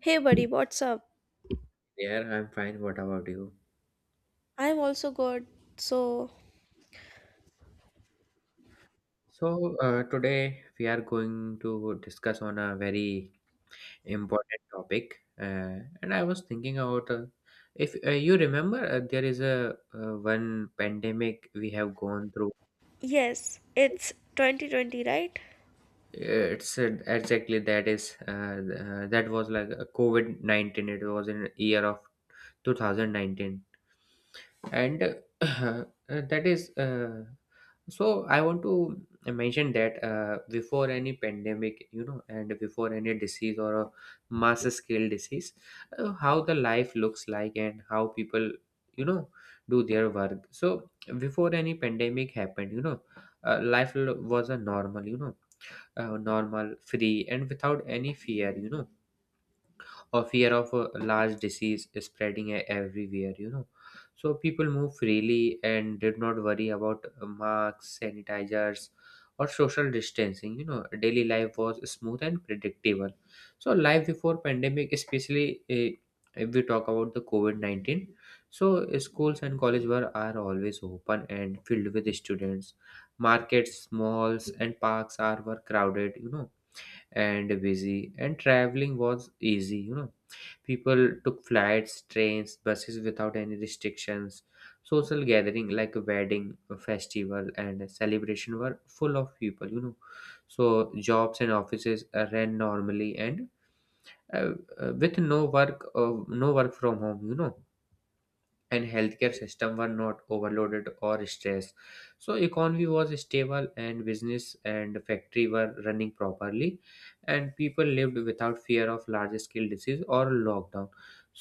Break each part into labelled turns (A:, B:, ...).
A: Hey buddy, what's up?
B: Yeah, I'm fine. What about you?
A: I'm also good. So,
B: Today we are going to discuss on a very important topic, and I was thinking about if you remember, there is a one pandemic we have gone through.
A: yes,
B: Uh,
A: it's 2020, right?
B: It's Exactly that is that was like a COVID-19. It was in year of 2019. And uh, that is so I want to mention that before any pandemic, you know, and before any disease or a mass scale disease, how the life looks like and how people, you know, do their work. So before any pandemic happened, you know, was a normal, you know, normal, free and without any fear, you know, or fear of a large disease spreading everywhere, you know. So people move freely and did not worry about masks, sanitizers or social distancing, you know. Daily life was smooth and predictable. So life before pandemic, especially if we talk about the covid-19, so schools and college were are always open and filled with students, markets, malls and parks are were crowded, you know, and busy, and traveling was easy, you know. People took flights, trains, buses without any restrictions. Social gathering like a wedding, a festival, and a celebration were full of people, you know. So jobs and offices ran normally and uh, with no work, no work from home, you know, and healthcare system were not overloaded or stressed. So economy was stable and business and factory were running properly, and people lived without fear of large scale disease or lockdown.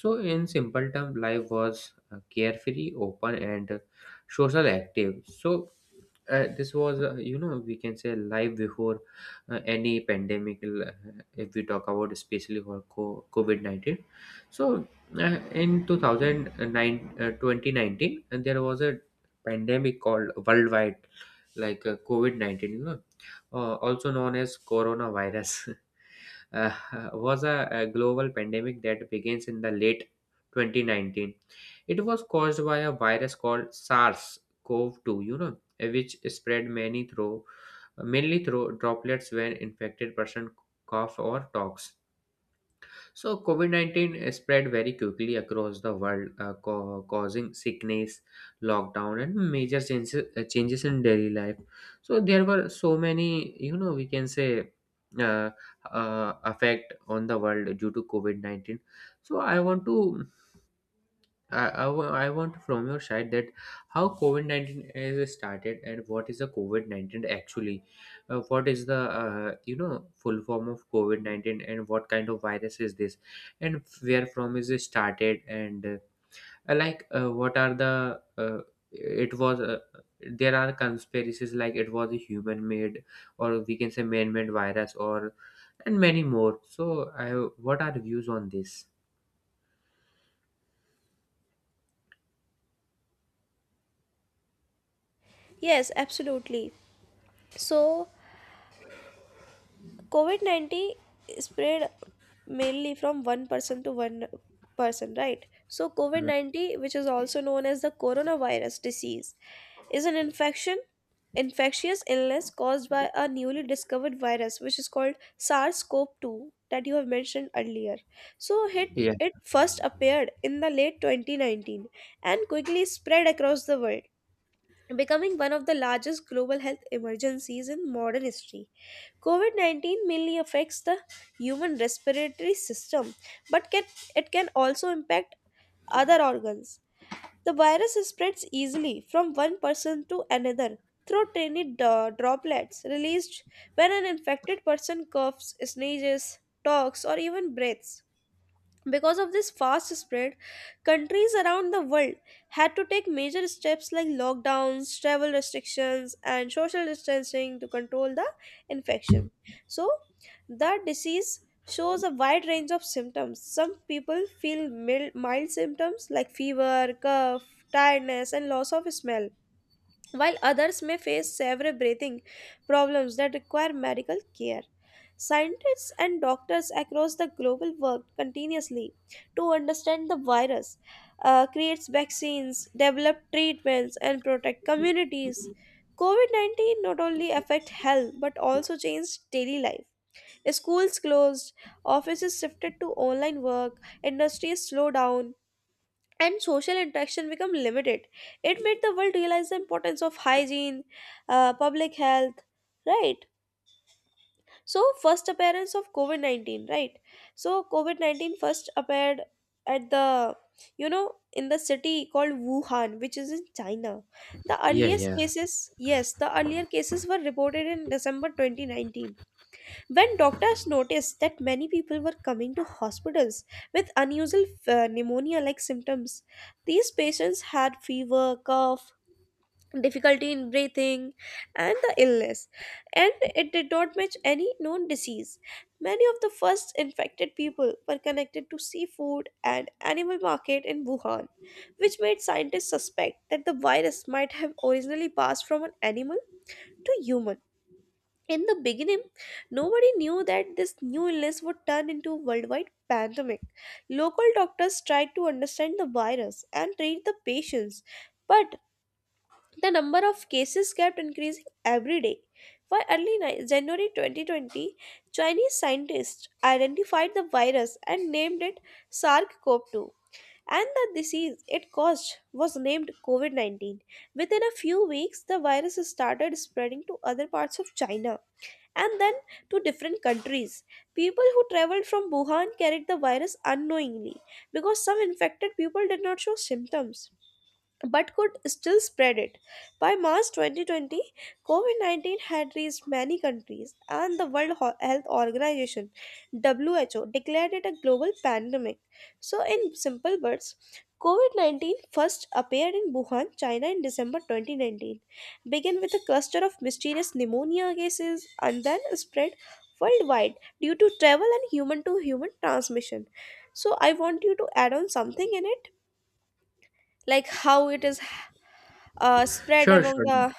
B: So in simple term, life was carefree, open and social active. So this was, you know, we can say life before any pandemic. If we talk about especially for covid-19, so in 2019, and there was a pandemic called worldwide, like COVID-19, you know, also known as coronavirus, uh, was a global pandemic that begins in the late 2019. It was caused by a virus called SARS-CoV-2, you know, which spread many through, mainly through droplets when infected person cough or talks. So COVID 19 spread very quickly across the world, causing sickness, lockdown, and major changes, changes in daily life. So there were so many, you know, we can say, uh, effect on the world due to COVID 19. So, I want to I, wa- I want from your side that how COVID 19 is started and what is the COVID 19 actually? What is the, you know, full form of COVID 19 and what kind of virus is this? And where from is it started? And like, what are the, it was, uh, there are conspiracies like it was a human made, or we can say man made virus, or, and many more. So what are views on this?
A: Yes, absolutely. So, COVID 19 spread mainly from one person to one person, right? So, COVID
B: Right.
A: 19, which is also known as the coronavirus disease, is an infectious illness caused by a newly discovered virus, which is called SARS CoV 2 that you have mentioned earlier. So, it,
B: Yeah.
A: it first appeared in the late 2019 and quickly spread across the world, becoming one of the largest global health emergencies in modern history. COVID 19 mainly affects the human respiratory system, but it can also impact other organs. The virus spreads easily from one person to another through tiny droplets released when an infected person coughs, sneezes, talks, or even breathes. Because of this fast spread, countries around the world had to take major steps like lockdowns, travel restrictions, and social distancing to control the infection. So, the disease shows a wide range of symptoms. Some people feel mild symptoms like fever, cough, tiredness, and loss of smell, while others may face severe breathing problems that require medical care. Scientists and doctors across the globe work continuously to understand the virus, create vaccines, develop treatments, and protect communities. COVID 19 not only affect health but also changed daily life. Schools closed, offices shifted to online work, industries slowed down, and social interaction become limited. It made the world realize the importance of hygiene, public health. Right, so first appearance of covid-19. Right, so covid-19 first appeared at the, you know in the city called Wuhan, which is in China. The
B: Yeah,
A: earliest
B: yeah.
A: cases, yes, the earlier cases were reported in December 2019, when doctors noticed that many people were coming to hospitals with unusual pneumonia like symptoms. These patients had fever, cough, difficulty in breathing, and the illness, and it did not match any known disease. Many of the first infected people were connected to seafood and animal market in Wuhan, which made scientists suspect that the virus might have originally passed from an animal to human. In the beginning, nobody knew that this new illness would turn into a worldwide pandemic. Local doctors tried to understand the virus and treat the patients, but the number of cases kept increasing every day. By January 2020, Chinese scientists identified the virus and named it SARS-CoV-2. And the disease it caused was named COVID 19. Within a few weeks, the virus started spreading to other parts of China and then to different countries. People who traveled from Wuhan carried the virus unknowingly because some infected people did not show symptoms but could still spread it. By March 2020, COVID 19 had reached many countries, and the Health Organization, WHO, declared it a global pandemic. So, in simple words, COVID 19 first appeared in Wuhan, China in December 2019, began with a cluster of mysterious pneumonia cases, and then spread worldwide due to travel and human to human transmission. So, I want you to add on something in it, like how it is spread
B: Sure,
A: among
B: sure.
A: the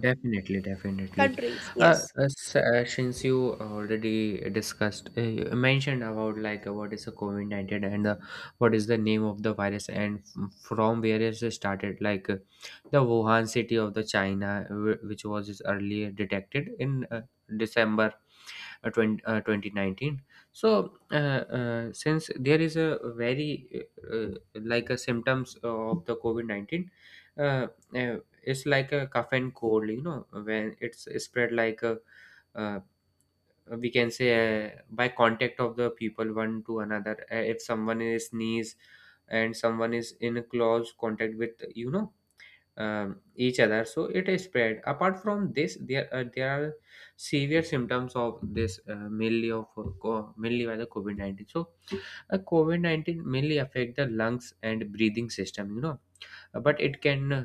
B: Definitely, definitely.
A: countries. Yes.
B: Since you already discussed, you mentioned about like what is a COVID-19 and the, what is the name of the virus and from where it started, like the Wuhan city of the China, which was is earlier detected in December 2019. So since there is a very like a symptoms of the covid-19, uh, uh, it's like a cough and cold, you know. When it's spread like a uh, we can say by contact of the people one to another. If someone is sneeze and someone is in a close contact with, you know, each other, so it is spread. Apart from this, there there are severe symptoms of this, mainly of mainly by the covid-19. So covid-19 mainly affect the lungs and breathing system, you know. But it can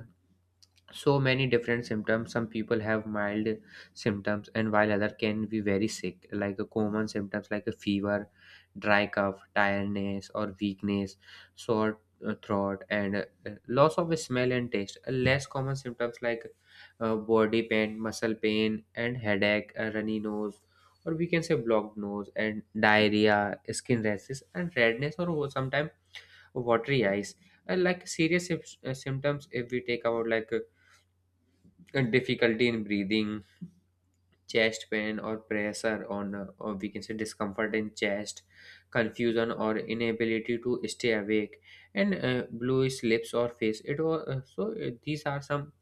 B: so many different symptoms. Some people have mild symptoms and while other can be very sick, like a common symptoms like a fever, dry cough, tiredness or weakness, sore throat, and loss of smell and taste. Less common symptoms like body pain, muscle pain and headache, a runny nose or we can say blocked nose, and diarrhea, skin rashes and redness, or sometimes watery eyes. And like serious symptoms if we take about, like difficulty in breathing, chest pain or pressure on, or we can say discomfort in chest, confusion or inability to stay awake, and bluish lips or face. It was so These are some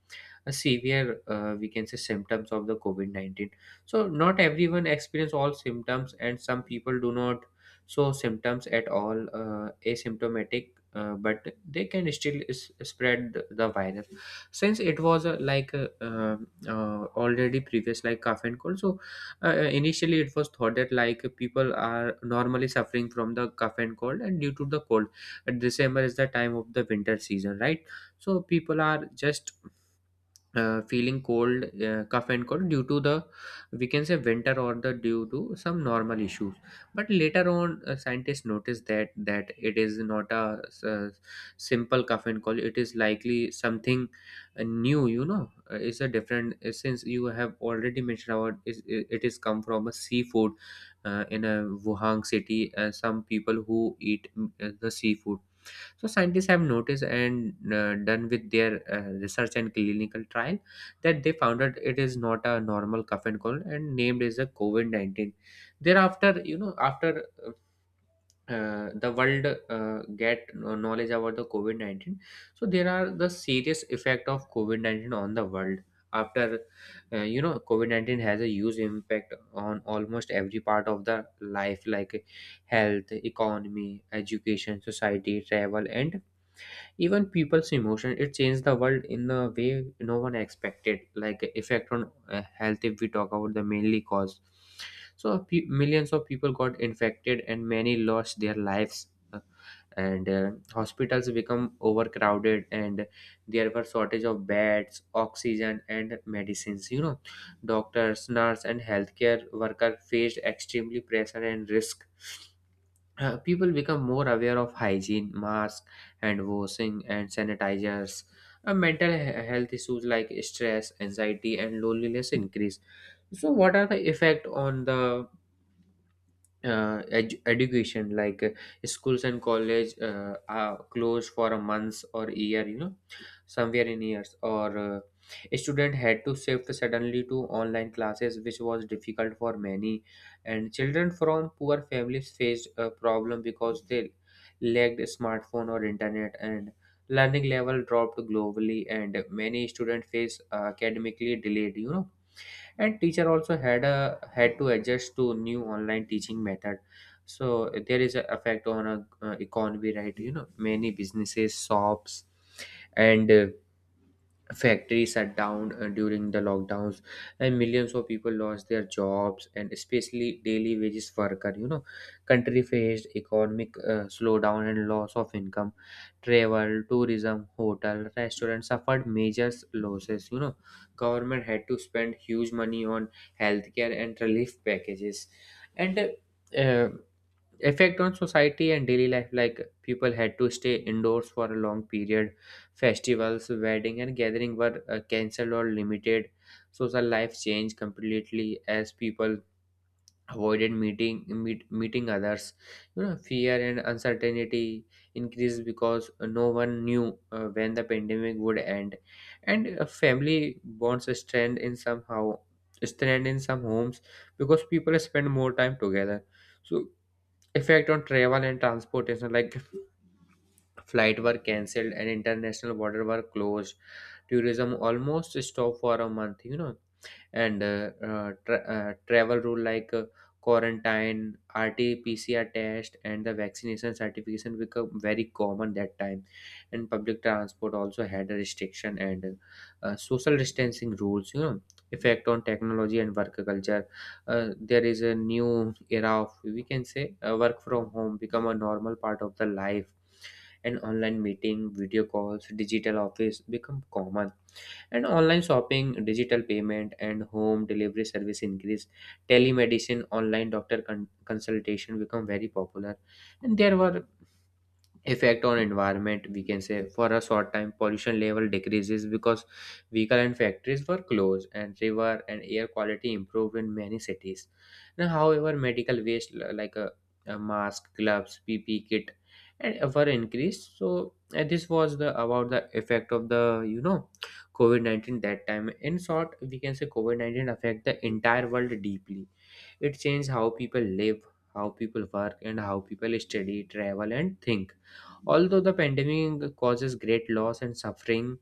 B: a severe we can say symptoms of the covid-19. So not everyone experience all symptoms and some people do not show symptoms at all, asymptomatic, but they can still spread the virus. Since it was like already previous like cough and cold, so initially it was thought that like people are normally suffering from the cough and cold and due to the cold. December is the time of the winter season, right? So people are just feeling cold, cough and cold due to the, we can say, winter, or the due to some normal issues. But later on, scientists noticed that it is not a, simple cough and cold. It is likely something new. You know, it's a different. Since you have already mentioned about is it it is come from a seafood in a Wuhan city. Some people who eat the seafood, so scientists have noticed and done with their research and clinical trial, that they found out it is not a normal cough and cold and named as a COVID-19. Thereafter, you know, after the world get knowledge about the COVID-19, so there are the serious effect of COVID-19 on the world. After, you know, COVID-19 has a huge impact on almost every part of the life, like health, economy, education, society, travel, and even people's emotion. It changed the world in a way no one expected. Like effect on health, if we talk about the mainly cause, so millions of people got infected and many lost their lives. Uh, and Hospitals become overcrowded and there were shortage of beds, oxygen and medicines, you know. Doctors, nurse and healthcare worker faced extremely pressure and risk. People become more aware of hygiene, mask and washing and sanitizers. Mental health issues like stress, anxiety and loneliness increase. So what are the effect on the education, like schools and college are closed for a month or year, you know, somewhere in years. Or A student had to shift suddenly to online classes, which was difficult for many, and children from poor families faced a problem because they lacked smartphone or internet, and learning level dropped globally, and many students face academically delayed, you know. And teacher also had to adjust to new online teaching method. So there is an effect on a economy, right, you know. Many businesses, shops and factories shut down during the lockdowns, and millions of people lost their jobs, and especially daily wages worker, you know. Country faced economic slowdown and loss of income. Travel, tourism, hotel, restaurant suffered major losses, you know. Government had to spend huge money on healthcare and relief packages. And uh, Effect on society and daily life, like people had to stay indoors for a long period. Festivals, wedding and gathering were cancelled or limited. Social life changed completely as people avoided meeting others, you know. Fear and uncertainty increased because no one knew when the pandemic would end. And family bonds strengthened in some homes because people spend more time together. So effect on travel and transportation, like flight were cancelled and international border were closed. Tourism almost stopped for a month, you know. And travel rule like quarantine, rt-pcr test and the vaccination certification become very common that time. And public transport also had a restriction and social distancing rules, you know. Effect on technology and work culture, there is a new era of, we can say, work from home become a normal part of the life. And online meeting, video calls, digital office become common, and online shopping, digital payment and home delivery service increase. Telemedicine, online doctor consultation become very popular. And there were effect on environment, we can say for a short time pollution level decreases because vehicle and factories were closed, and river and air quality improved in many cities. Now however, medical waste like a mask, gloves, pp kit and were increased So this was the about the effect of the COVID-19 that time. In short we can say COVID-19 affect the entire world deeply. It changed how people live, how people work, and how people study, travel, and think. Although the pandemic causes great loss and suffering,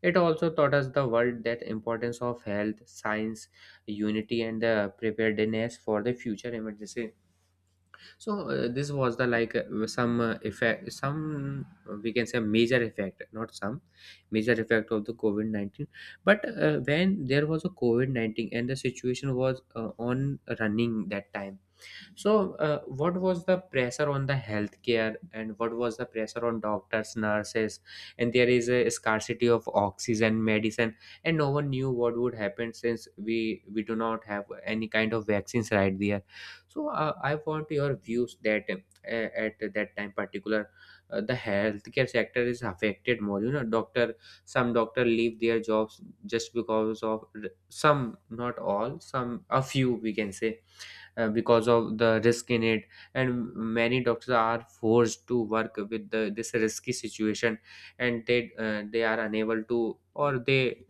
B: it also taught us the world that importance of health, science, unity, and the preparedness for the future emergency. So this was the like some effect, some we can say major effect, not some, major effect of the COVID 19. But when there was a COVID 19 and the situation was on running that time, what was the pressure on the healthcare and what was the pressure on doctors, nurses? And there is a scarcity of oxygen, medicine, and no one knew what would happen since we do not have any kind of vaccines right there. So, I want your views that at that time particular, the healthcare sector is affected more. You know, doctor, some doctor leave their jobs just because of some, not all, some a few we can say because of the risk in it. And many doctors are forced to work with this risky situation, and they are unable to, or they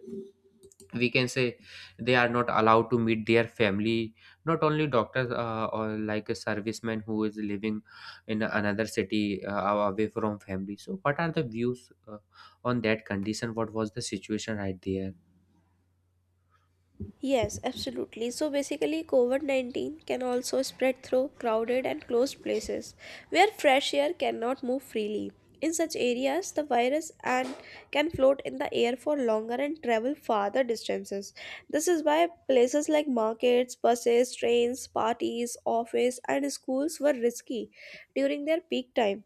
B: we can say they are not allowed to meet their family. Not only doctors, or like a serviceman who is living in another city, away from family. So what are the views, on that condition, what was the situation right there?
A: Yes, absolutely. So basically, COVID 19 can also spread through crowded and closed places where fresh air cannot move freely. In such areas, the virus and can float in the air for longer and travel farther distances. This is why places like markets, buses, trains, parties, office, and schools were risky during their peak time.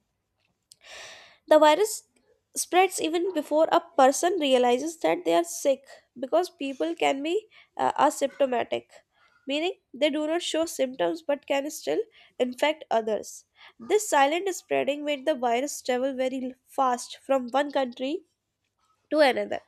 A: The virus spreads even before a person realizes that they are sick, because people can be asymptomatic, meaning they do not show symptoms but can still infect others. This silent spreading made the virus travel very fast from one country to another.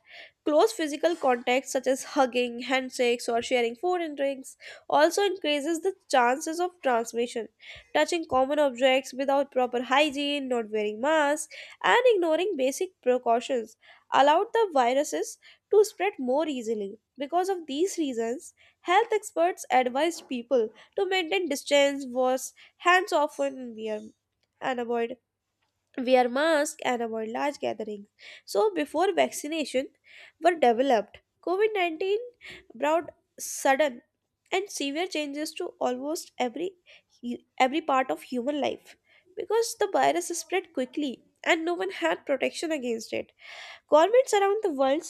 A: Close physical contact, such as hugging, handshakes, or sharing food and drinks, also increases the chances of transmission. Touching common objects without proper hygiene, not wearing masks, and ignoring basic precautions allowed the viruses to spread more easily. Because of these reasons, health experts advised people to maintain distance, wash hands often, and wear- and avoid wear masks and avoid large gatherings. So, before vaccination were developed, COVID 19 brought sudden and severe changes to almost every part of human life, because the virus spread quickly and no one had protection against it. Governments around the world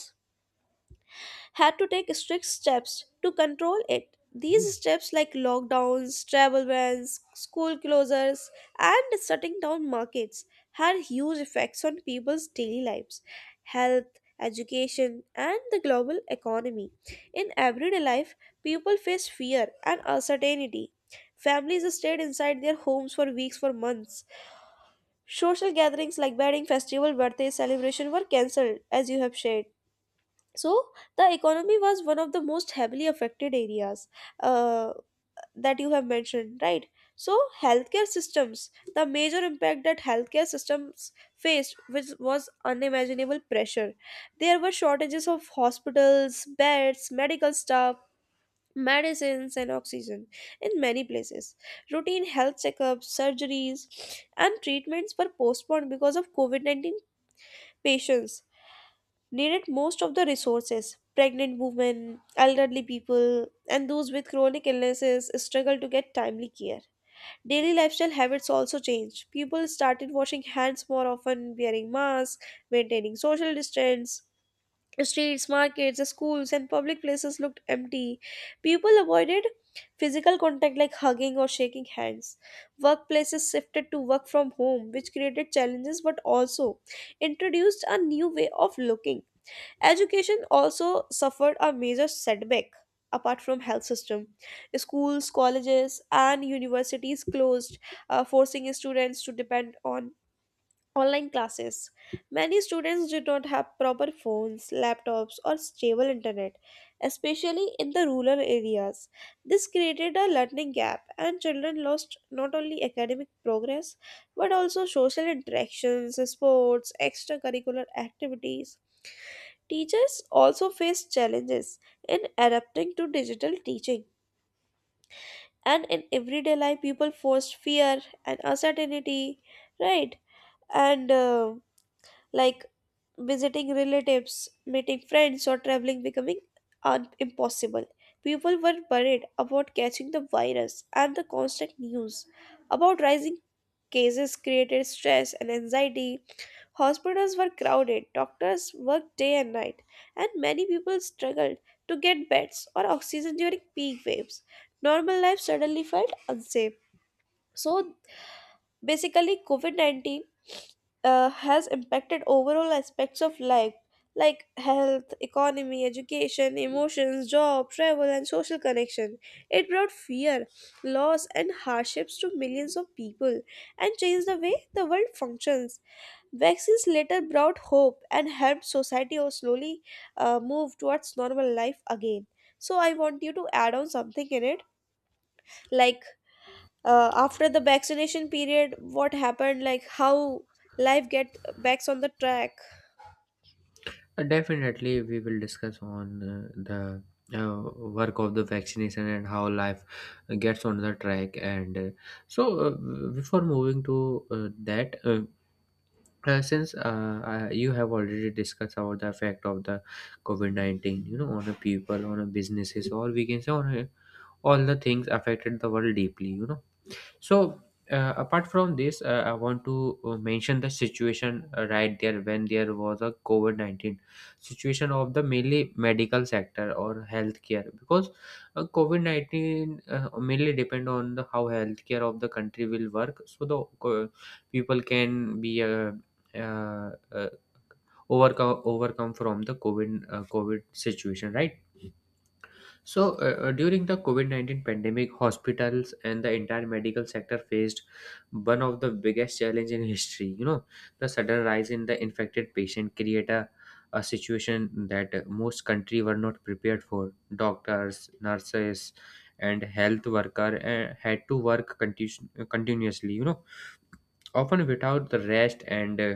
A: had to take strict steps to control it. These steps, like lockdowns, travel bans, school closures, and shutting down markets, had huge effects on people's daily lives, health, education, and the global economy. In everyday life, people face fear and uncertainty. Families stayed inside their homes for weeks, for months. Social gatherings like wedding, festival, birthday celebration were cancelled, as you have shared. So the economy was one of the most heavily affected areas, uh, that you have mentioned, right? So healthcare systems, the major impact that healthcare systems faced, which was unimaginable pressure. There were shortages of hospitals beds, medical staff, medicines, and oxygen. In many places, routine health checkups, surgeries, and treatments were postponed because of covid-19 patients needed most of the resources. Pregnant women, elderly people, and those with chronic illnesses struggle to get timely care. Daily lifestyle habits also changed. People started washing hands more often, wearing masks, maintaining social distance. Streets, markets, schools, and public places looked empty. People avoided physical contact like hugging or shaking hands. Workplaces shifted to work from home, which created challenges but also introduced a new way of looking. Education also suffered a major setback. Apart from health system, schools, colleges and universities closed, forcing students to depend on online classes. Many students did not have proper phones, laptops, or stable internet, especially in the rural areas. This created a learning gap, and children lost not only academic progress but also social interactions, sports, extracurricular activities. Teachers also face challenges in adapting to digital teaching. And in everyday life, people forced fear and uncertainty, right? And like visiting relatives, meeting friends, or traveling becoming impossible. People were worried about catching the virus, and the constant news about rising cases created stress and anxiety. Hospitals were crowded, doctors worked day and night, and many people struggled to get beds or oxygen during peak waves. Normal life suddenly felt unsafe. So basically, COVID 19 has impacted overall aspects of life, like health, economy, education, emotions, job, travel, and social connection. It brought fear, loss, and hardships to millions of people and changed the way the world functions. Vaccines later brought hope and helped society slowly move towards normal life again. So, I want you to add on something in it, like after the vaccination period what happened, like how life get backs on the track.
B: Definitely, we will discuss on uh, the work of the vaccination and how life gets on the track. And so, before moving to that, since you have already discussed about the effect of the COVID 19, you know, on a people, on a businesses, or we can say on all the things affected the world deeply, so, apart from this, I want to mention the situation right there when there was a COVID 19 situation of the mainly medical sector or healthcare, because COVID 19 mainly depend on the how healthcare of the country will work. So, people can be uh, uh, overcome from the COVID situation, right? So, during the COVID 19 pandemic, hospitals and the entire medical sector faced one of the biggest challenge in history. You know, the sudden rise in the infected patient create a situation that most country were not prepared for. Doctors, nurses, and health worker had to work continuously, you know, often without the rest, and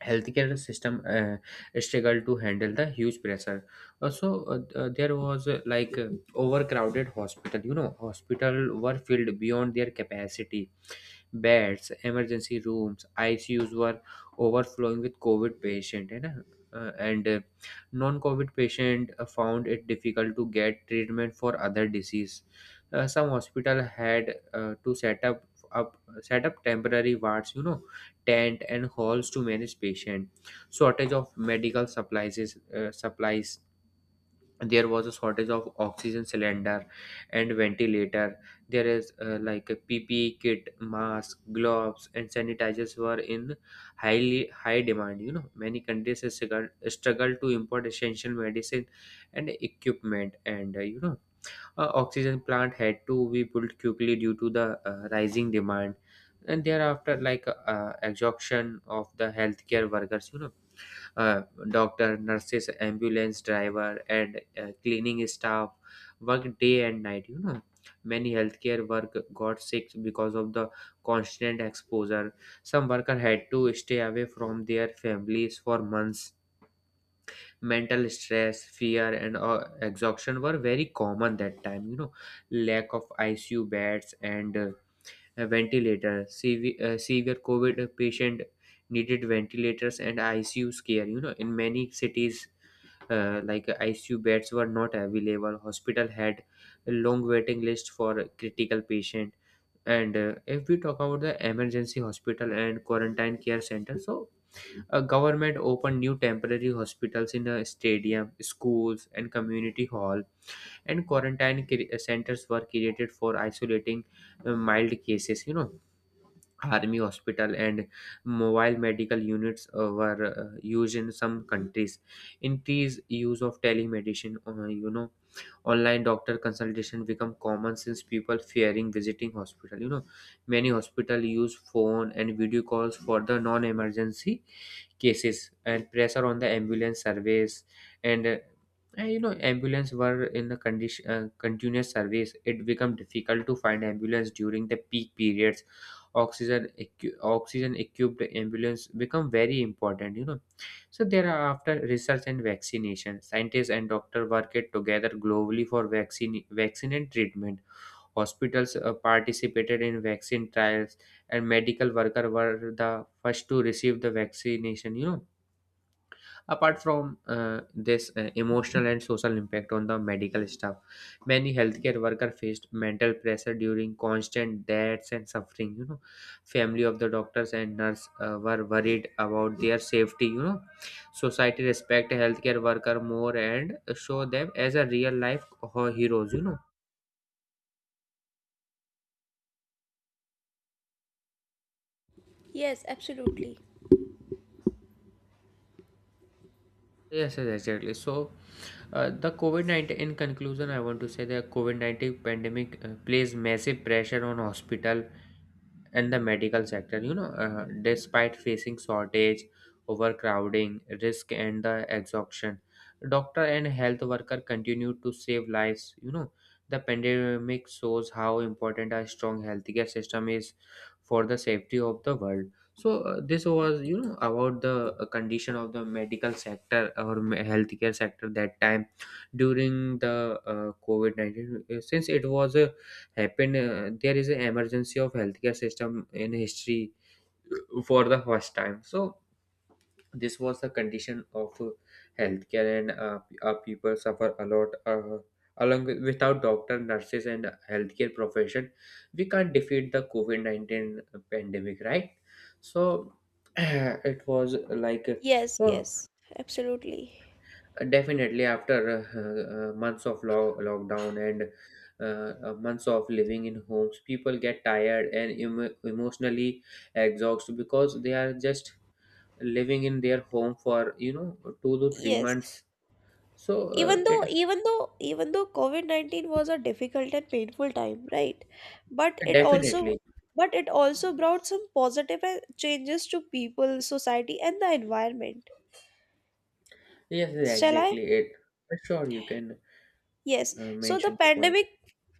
B: healthcare system struggle to handle the huge pressure. Also, there was, overcrowded hospital. You know, hospital were filled beyond their capacity. Beds emergency rooms ICUs were overflowing with covid patient, है ना? And Non-covid patient found it difficult to get treatment for other disease. Some hospital had to up set up temporary wards, you know, tent and halls to manage patient. Shortage of medical supplies. There was a shortage of oxygen cylinder and ventilator. There is like a PPE kit, mask, gloves, and sanitizers were in highly high demand. You know, many countries struggle to import essential medicine and equipment. And you know Oxygen plant had to be built quickly due to the rising demand. And thereafter, like exhaustion of the healthcare workers. You know, uh, doctor, nurses, ambulance driver, and cleaning staff work day and night. You know, many healthcare work got sick because of the constant exposure. Some worker had to stay away from their families for months. Mental stress, fear, and exhaustion were very common that time. You know, lack of ICU beds and a ventilator. Severe COVID patient needed ventilators and ICU care. You know, in many cities, ICU beds were not available. Hospital had a long waiting list for critical patient. And if we talk about the emergency hospital and quarantine care center, so a government opened new temporary hospitals in a stadium, schools, and community hall, and centers were created for isolating mild cases. You know, army hospital and mobile medical units were used in some countries. Increased use of telemedicine, online doctor consultation become common since people fearing visiting hospital. You know, many hospital use phone and video calls for the non-emergency cases. And pressure on the ambulance service. And uh, and, you know, ambulance were in the condition, continuous service. It become difficult to find ambulance during the peak periods. Oxygen equipped ambulance become very important, you know. So there are, after research and vaccination, scientists and doctor worked together globally for vaccine and treatment. Hospitals participated in vaccine trials, and medical workers were the first to receive the vaccination. You know, apart from this, emotional and social impact on the medical staff, many healthcare workers faced mental pressure during constant deaths and suffering. You know, family of the doctors and nurse were worried about their safety. You know, society respect healthcare worker more and show them as a real life, heroes. You know.
A: Yes, absolutely.
B: Yes, yes, exactly. So, the COVID-19, in conclusion, I want to say that COVID-19 pandemic plays massive pressure on hospital and the medical sector. You know, despite facing shortage, overcrowding, risk, and the exhaustion, doctor and health worker continue to save lives, you know. The pandemic shows how important a strong healthcare system is for the safety of the world. So this was, you know, about the condition of the medical sector or healthcare sector that time during the COVID-19. Since it was a happened, there is an emergency of healthcare system in history for the first time. So this was the condition of healthcare, and our people suffer a lot. Along with, without doctor, nurses, and healthcare profession, we can't defeat the COVID-19 pandemic, right? So it was like.
A: Yes,
B: So
A: yes, absolutely.
B: definitely, after months of lockdown and months of living in homes, people get tired and emotionally exhausted because they are just living in their home for, you know, two to three
A: Yes,
B: months. So
A: even though
B: it
A: even though even though covid-19 was a difficult and painful time, right, but it also
B: definitely.
A: but it also brought some positive changes to people, society and the environment.
B: Yes, yes,
A: Shall I?
B: exactly it. Sure, you can
A: Yes. So the
B: mention the point.
A: pandemic,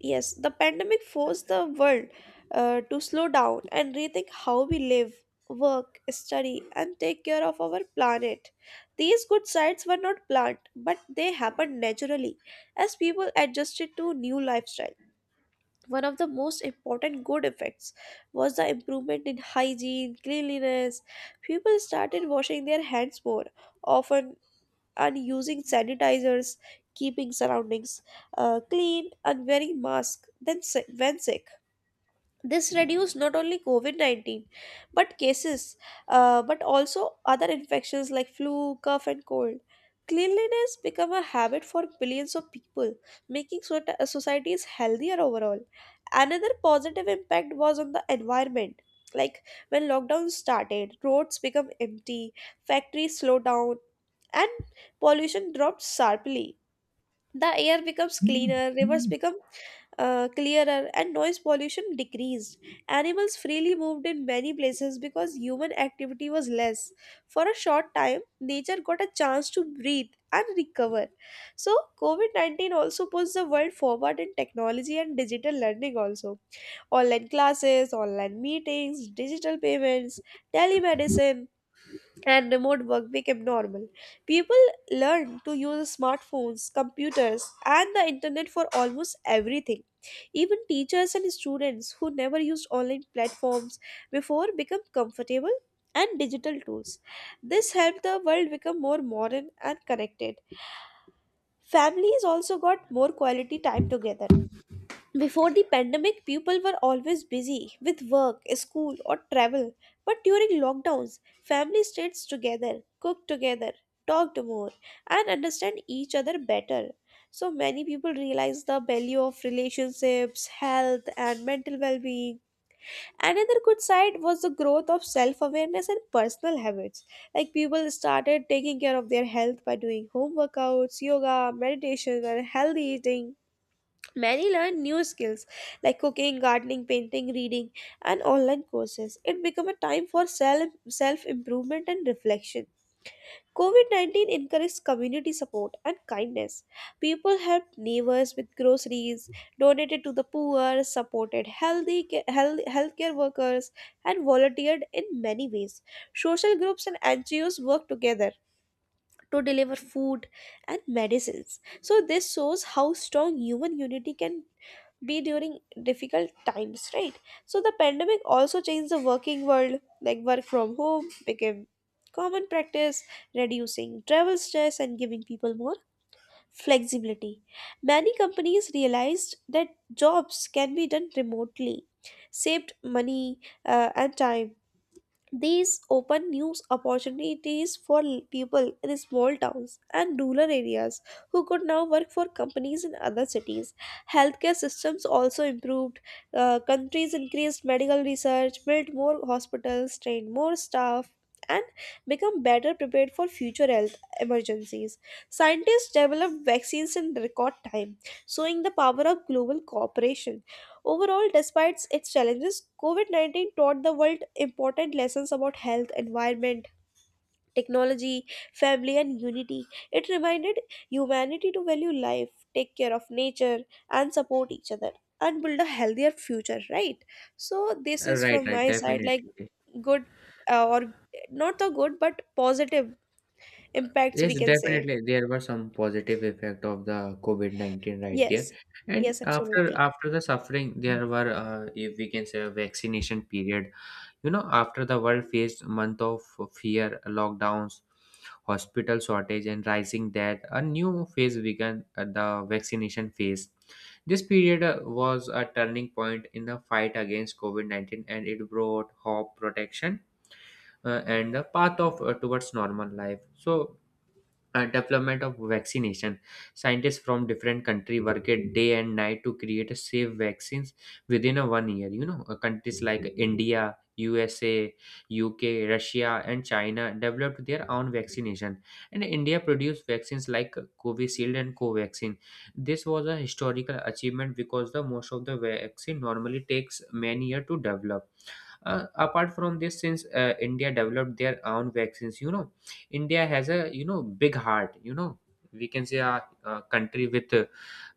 A: yes, the pandemic forced the world to slow down and rethink how we live, work, study, and take care of our planet. These good sides were not planned, but they happened naturally as people adjusted to new lifestyle. One of the most important good effects was the improvement in hygiene, cleanliness. People started washing their hands more often and using sanitizers, keeping surroundings clean, and wearing masks when sick. This reduced not only covid-19 but cases, but also other infections like flu, cough and cold. Cleanliness became a habit for billions of people, making societies healthier overall. Another positive impact was on the environment. Like, when lockdown started, roads became empty, factories slowed down, and pollution dropped sharply. The air becomes cleaner, rivers become clearer, and noise pollution decreased. Animals freely moved in many places because human activity was less. For a short time, nature got a chance to breathe and recover. So covid-19 also pushed the world forward in technology and digital learning also. Online classes, online meetings, digital payments, telemedicine, and remote work became normal. People learned to use smartphones, computers, and the internet for almost everything. Even teachers and students who never used online platforms before become comfortable and digital tools. This helped the world become more modern and connected. Families also got more quality time together. Before the pandemic, people were always busy with work, school, or travel. But during lockdowns, family stayed together, cooked together, talked more, and understand each other better. So many people realize the value of relationships, health, and mental well-being. Another good side was the growth of self-awareness and personal habits. Like, people started taking care of their health by doing home workouts, yoga, meditation, and healthy eating. Many learn new skills like cooking, gardening, painting, reading, and online courses. It became a time for self improvement and reflection. COVID 19 encouraged community support and kindness. People helped neighbors with groceries, donated to the poor, supported healthcare workers, and volunteered in many ways. Social groups and NGOs worked together to deliver food and medicines. So, this shows how strong human unity can be during difficult times, right? So the pandemic also changed the working world. Like, work from home became common practice, reducing travel stress and giving people more flexibility. Many companies realized that jobs can be done remotely, saved money and time. These open new opportunities for people in small towns and rural areas who could now work for companies in other cities. Healthcare systems also improved. Countries increased medical research, built more hospitals, trained more staff, and become better prepared for future health emergencies. Scientists developed vaccines in record time, showing the power of global cooperation. Overall, despite its challenges, COVID 19 taught the world important lessons about health, environment, technology, family, and unity. It reminded humanity to value life, take care of nature, and support each other and build a healthier future, right? So, this is
B: Right,
A: from
B: right,
A: my side,
B: definitely.
A: like good, or not the good but positive impacts we
B: Yes,
A: can say.
B: definitely. There were some positive effect of the COVID-19 right there.
A: Yes,
B: And
A: yes,
B: after
A: absolutely.
B: after the suffering, there were, if we can say, a vaccination period. You know, after the world faced month of fear, lockdowns, hospital shortage, and rising death, a new phase began at the vaccination phase. This period was a turning point in the fight against COVID-19, and it brought hope, protection, and the path of, towards normal life. So development of vaccination, scientists from different country worked day and night to create a safe vaccines within a one year, you know. Countries like India, USA, UK, Russia, and China developed their own vaccination, and India produced vaccines like Covishield and Covaxin. This was a historical achievement because the most of the vaccine normally takes many years to develop. Apart from this, since India developed their own vaccines, you know, India has a, you know, big heart, you know. We can say a country with, uh,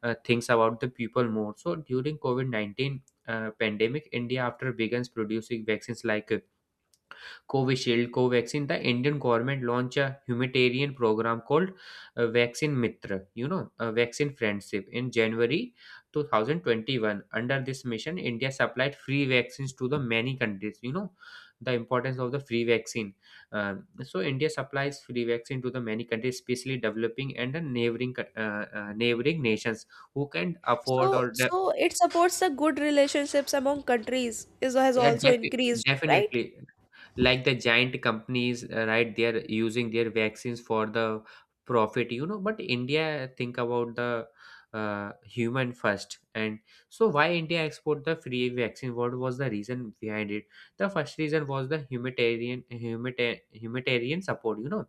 B: uh, thinks about the people more. So during COVID-19 pandemic, India after begins producing vaccines like Covishield, Covaxin, the Indian government launched a humanitarian program called Vaccine Mitra, you know, Vaccine Friendship, in January 2021. Under this mission, India supplied free vaccines to the many countries, you know, the importance of the free vaccine. So, India supplies free vaccine to the many countries, especially developing and the neighboring nations who can afford
A: So,
B: or de-.
A: so it supports the good relationships among countries is has
B: Yeah,
A: also increased, right?
B: definitely, like the giant companies, right, they're using their vaccines for the profit, you know. But India think about the human first, and so why India export the free vaccine? What was the reason behind it? The first reason was the humanitarian support, you know.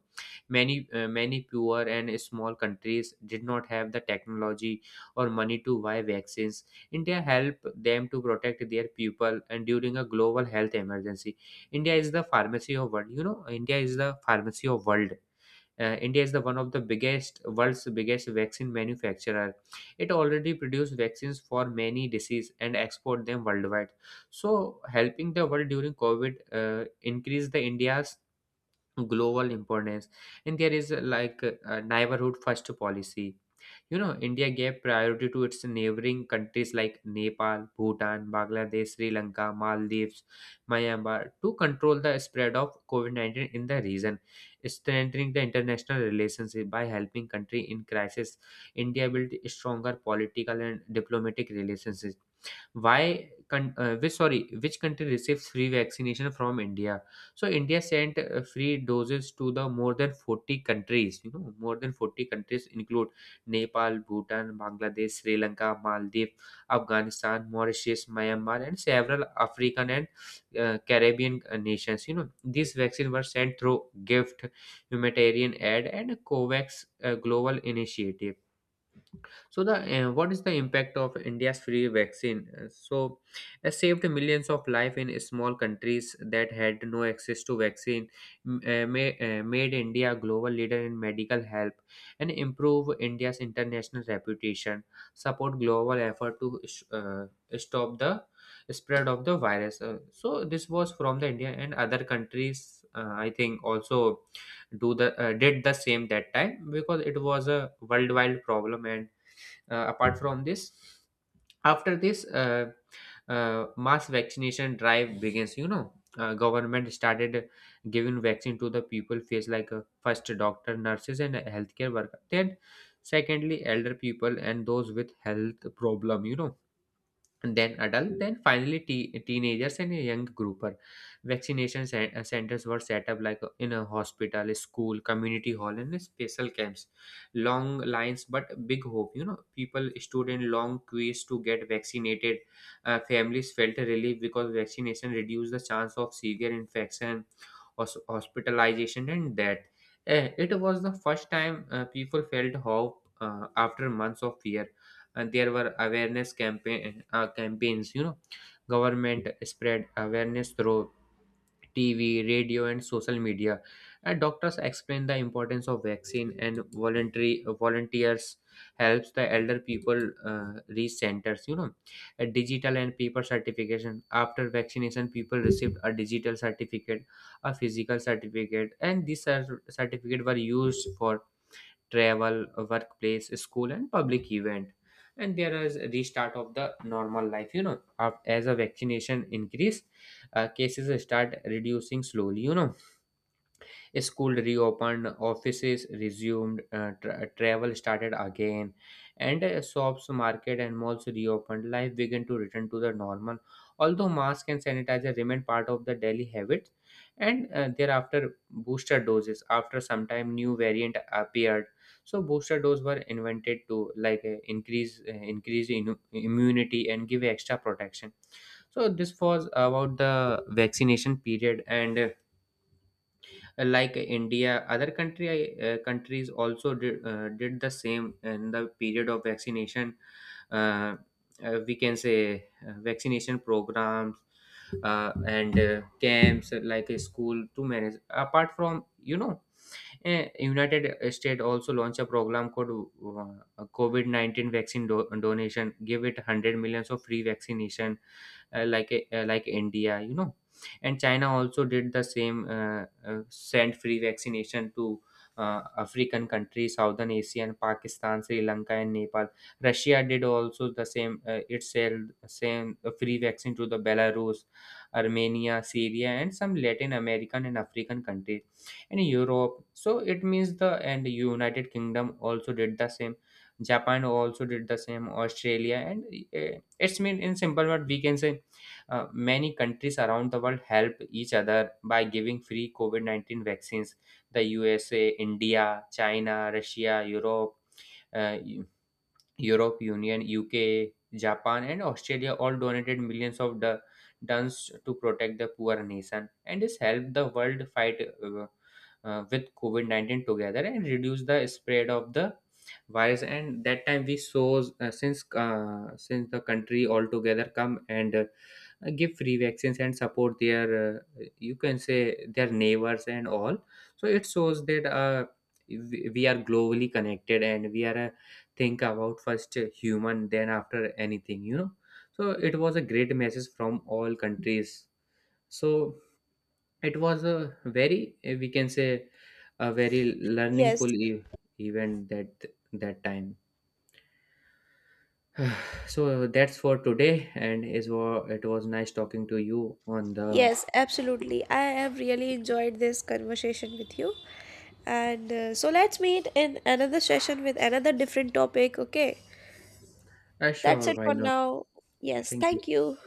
B: Many poor and small countries did not have the technology or money to buy vaccines. India helped them to protect their people and during a global health emergency. India is the pharmacy of world. You know, India is the pharmacy of world. India is the one of the biggest, world's biggest vaccine manufacturer. It already produces vaccines for many diseases and export them worldwide. So helping the world during COVID increase the India's global importance. And there is a neighborhood first policy, you know, India gave priority to its neighboring countries like Nepal, Bhutan, Bangladesh, Sri Lanka, Maldives, Myanmar to control the spread of COVID 19 in the region, strengthening the international relationship by helping country in crisis. India built stronger political and diplomatic relations. Why con- uh, which sorry which country receives free vaccination from India? So India sent free doses to the more than 40 countries, you know, more than 40 countries include Nepal, Bhutan, Bangladesh, Sri Lanka, Maldives, Afghanistan, Mauritius, Myanmar, and several African and Caribbean nations. You know, these vaccines were sent through gift, humanitarian aid, and COVAX, global initiative. So the what is the impact of India's free vaccine? So it saved millions of life in small countries that had no access to vaccine. Made India a global leader in medical help and improve India's international reputation. Support global effort to stop the spread of the virus. So this was from the India and other countries. I think also do the did the same that time because it was a worldwide problem. And apart from this, after this, mass vaccination drive begins. You know, government started giving vaccine to the people face like first doctor, nurses, and healthcare worker. Then, secondly, elder people and those with health problem, you know, and then adult, then finally teenagers and a young grouper. Vaccination centers were set up like in a hospital, a school, community hall, and a special camps. Long lines but big hope, you know, people stood in long queues to get vaccinated. Families felt a relief because vaccination reduced the chance of severe infection, hospitalization, and death. Eh, it was the first time people felt hope after months of fear. And there were awareness campaign campaigns, you know, government spread awareness through TV, radio, and social media, and doctors explain the importance of vaccine and voluntary volunteers helps the elder people reach centers, you know, a digital and paper certification. After vaccination, people received a digital certificate, a physical certificate, and these certificate were used for travel, workplace, school, and public event. And there is a restart of the normal life. You know, as a vaccination increase, cases start reducing slowly. You know, school reopened, offices resumed, travel started again, and shops, market, and malls reopened. Life began to return to the normal, although mask and sanitizer remained part of the daily habits. And thereafter, booster doses. After some time, new variant appeared, so booster doses were invented to increase immunity and give extra protection. So this was about the vaccination period. And. Like India, other country countries also did the same in the period of vaccination. uh, we can say vaccination programs and camps like a school to manage apart from, you know, eh, United States also launched a program called covid-19 vaccine donation, give it 100 millions of free vaccination, like India, you know, and China also did the same. Sent free vaccination to African countries, Southern Asia, and Pakistan, Sri Lanka, and Nepal. Russia did also the same. It sold same free vaccine to the Belarus, Armenia, Syria, and some Latin American and African countries, and Europe. So it means the and United Kingdom also did the same. Japan also did the same. Australia and it's mean in simple word we can say many countries around the world help each other by giving free COVID 19 vaccines. The USA, India, China, Russia, Europe, uh, Europe Union, UK, Japan, and Australia all donated millions of tons to protect the poor nation, and this helped the world fight with COVID 19 together and reduce the spread of the virus. And that time we saw since the country altogether come and give free vaccines and support their you can say their neighbors and all. So it shows that we are globally connected and we are think about first human then after anything, you know, so it was a great message from all countries. So it was a very we can say, a very learningful
A: Yes,
B: event that that time. So that's for today and it was nice talking to you on the
A: yes, absolutely. I have really enjoyed this conversation with you. And so let's meet in another session with another different topic, okay? That's
B: sure
A: it
B: why
A: for
B: not
A: now. Yes,
B: thank you
A: thank you.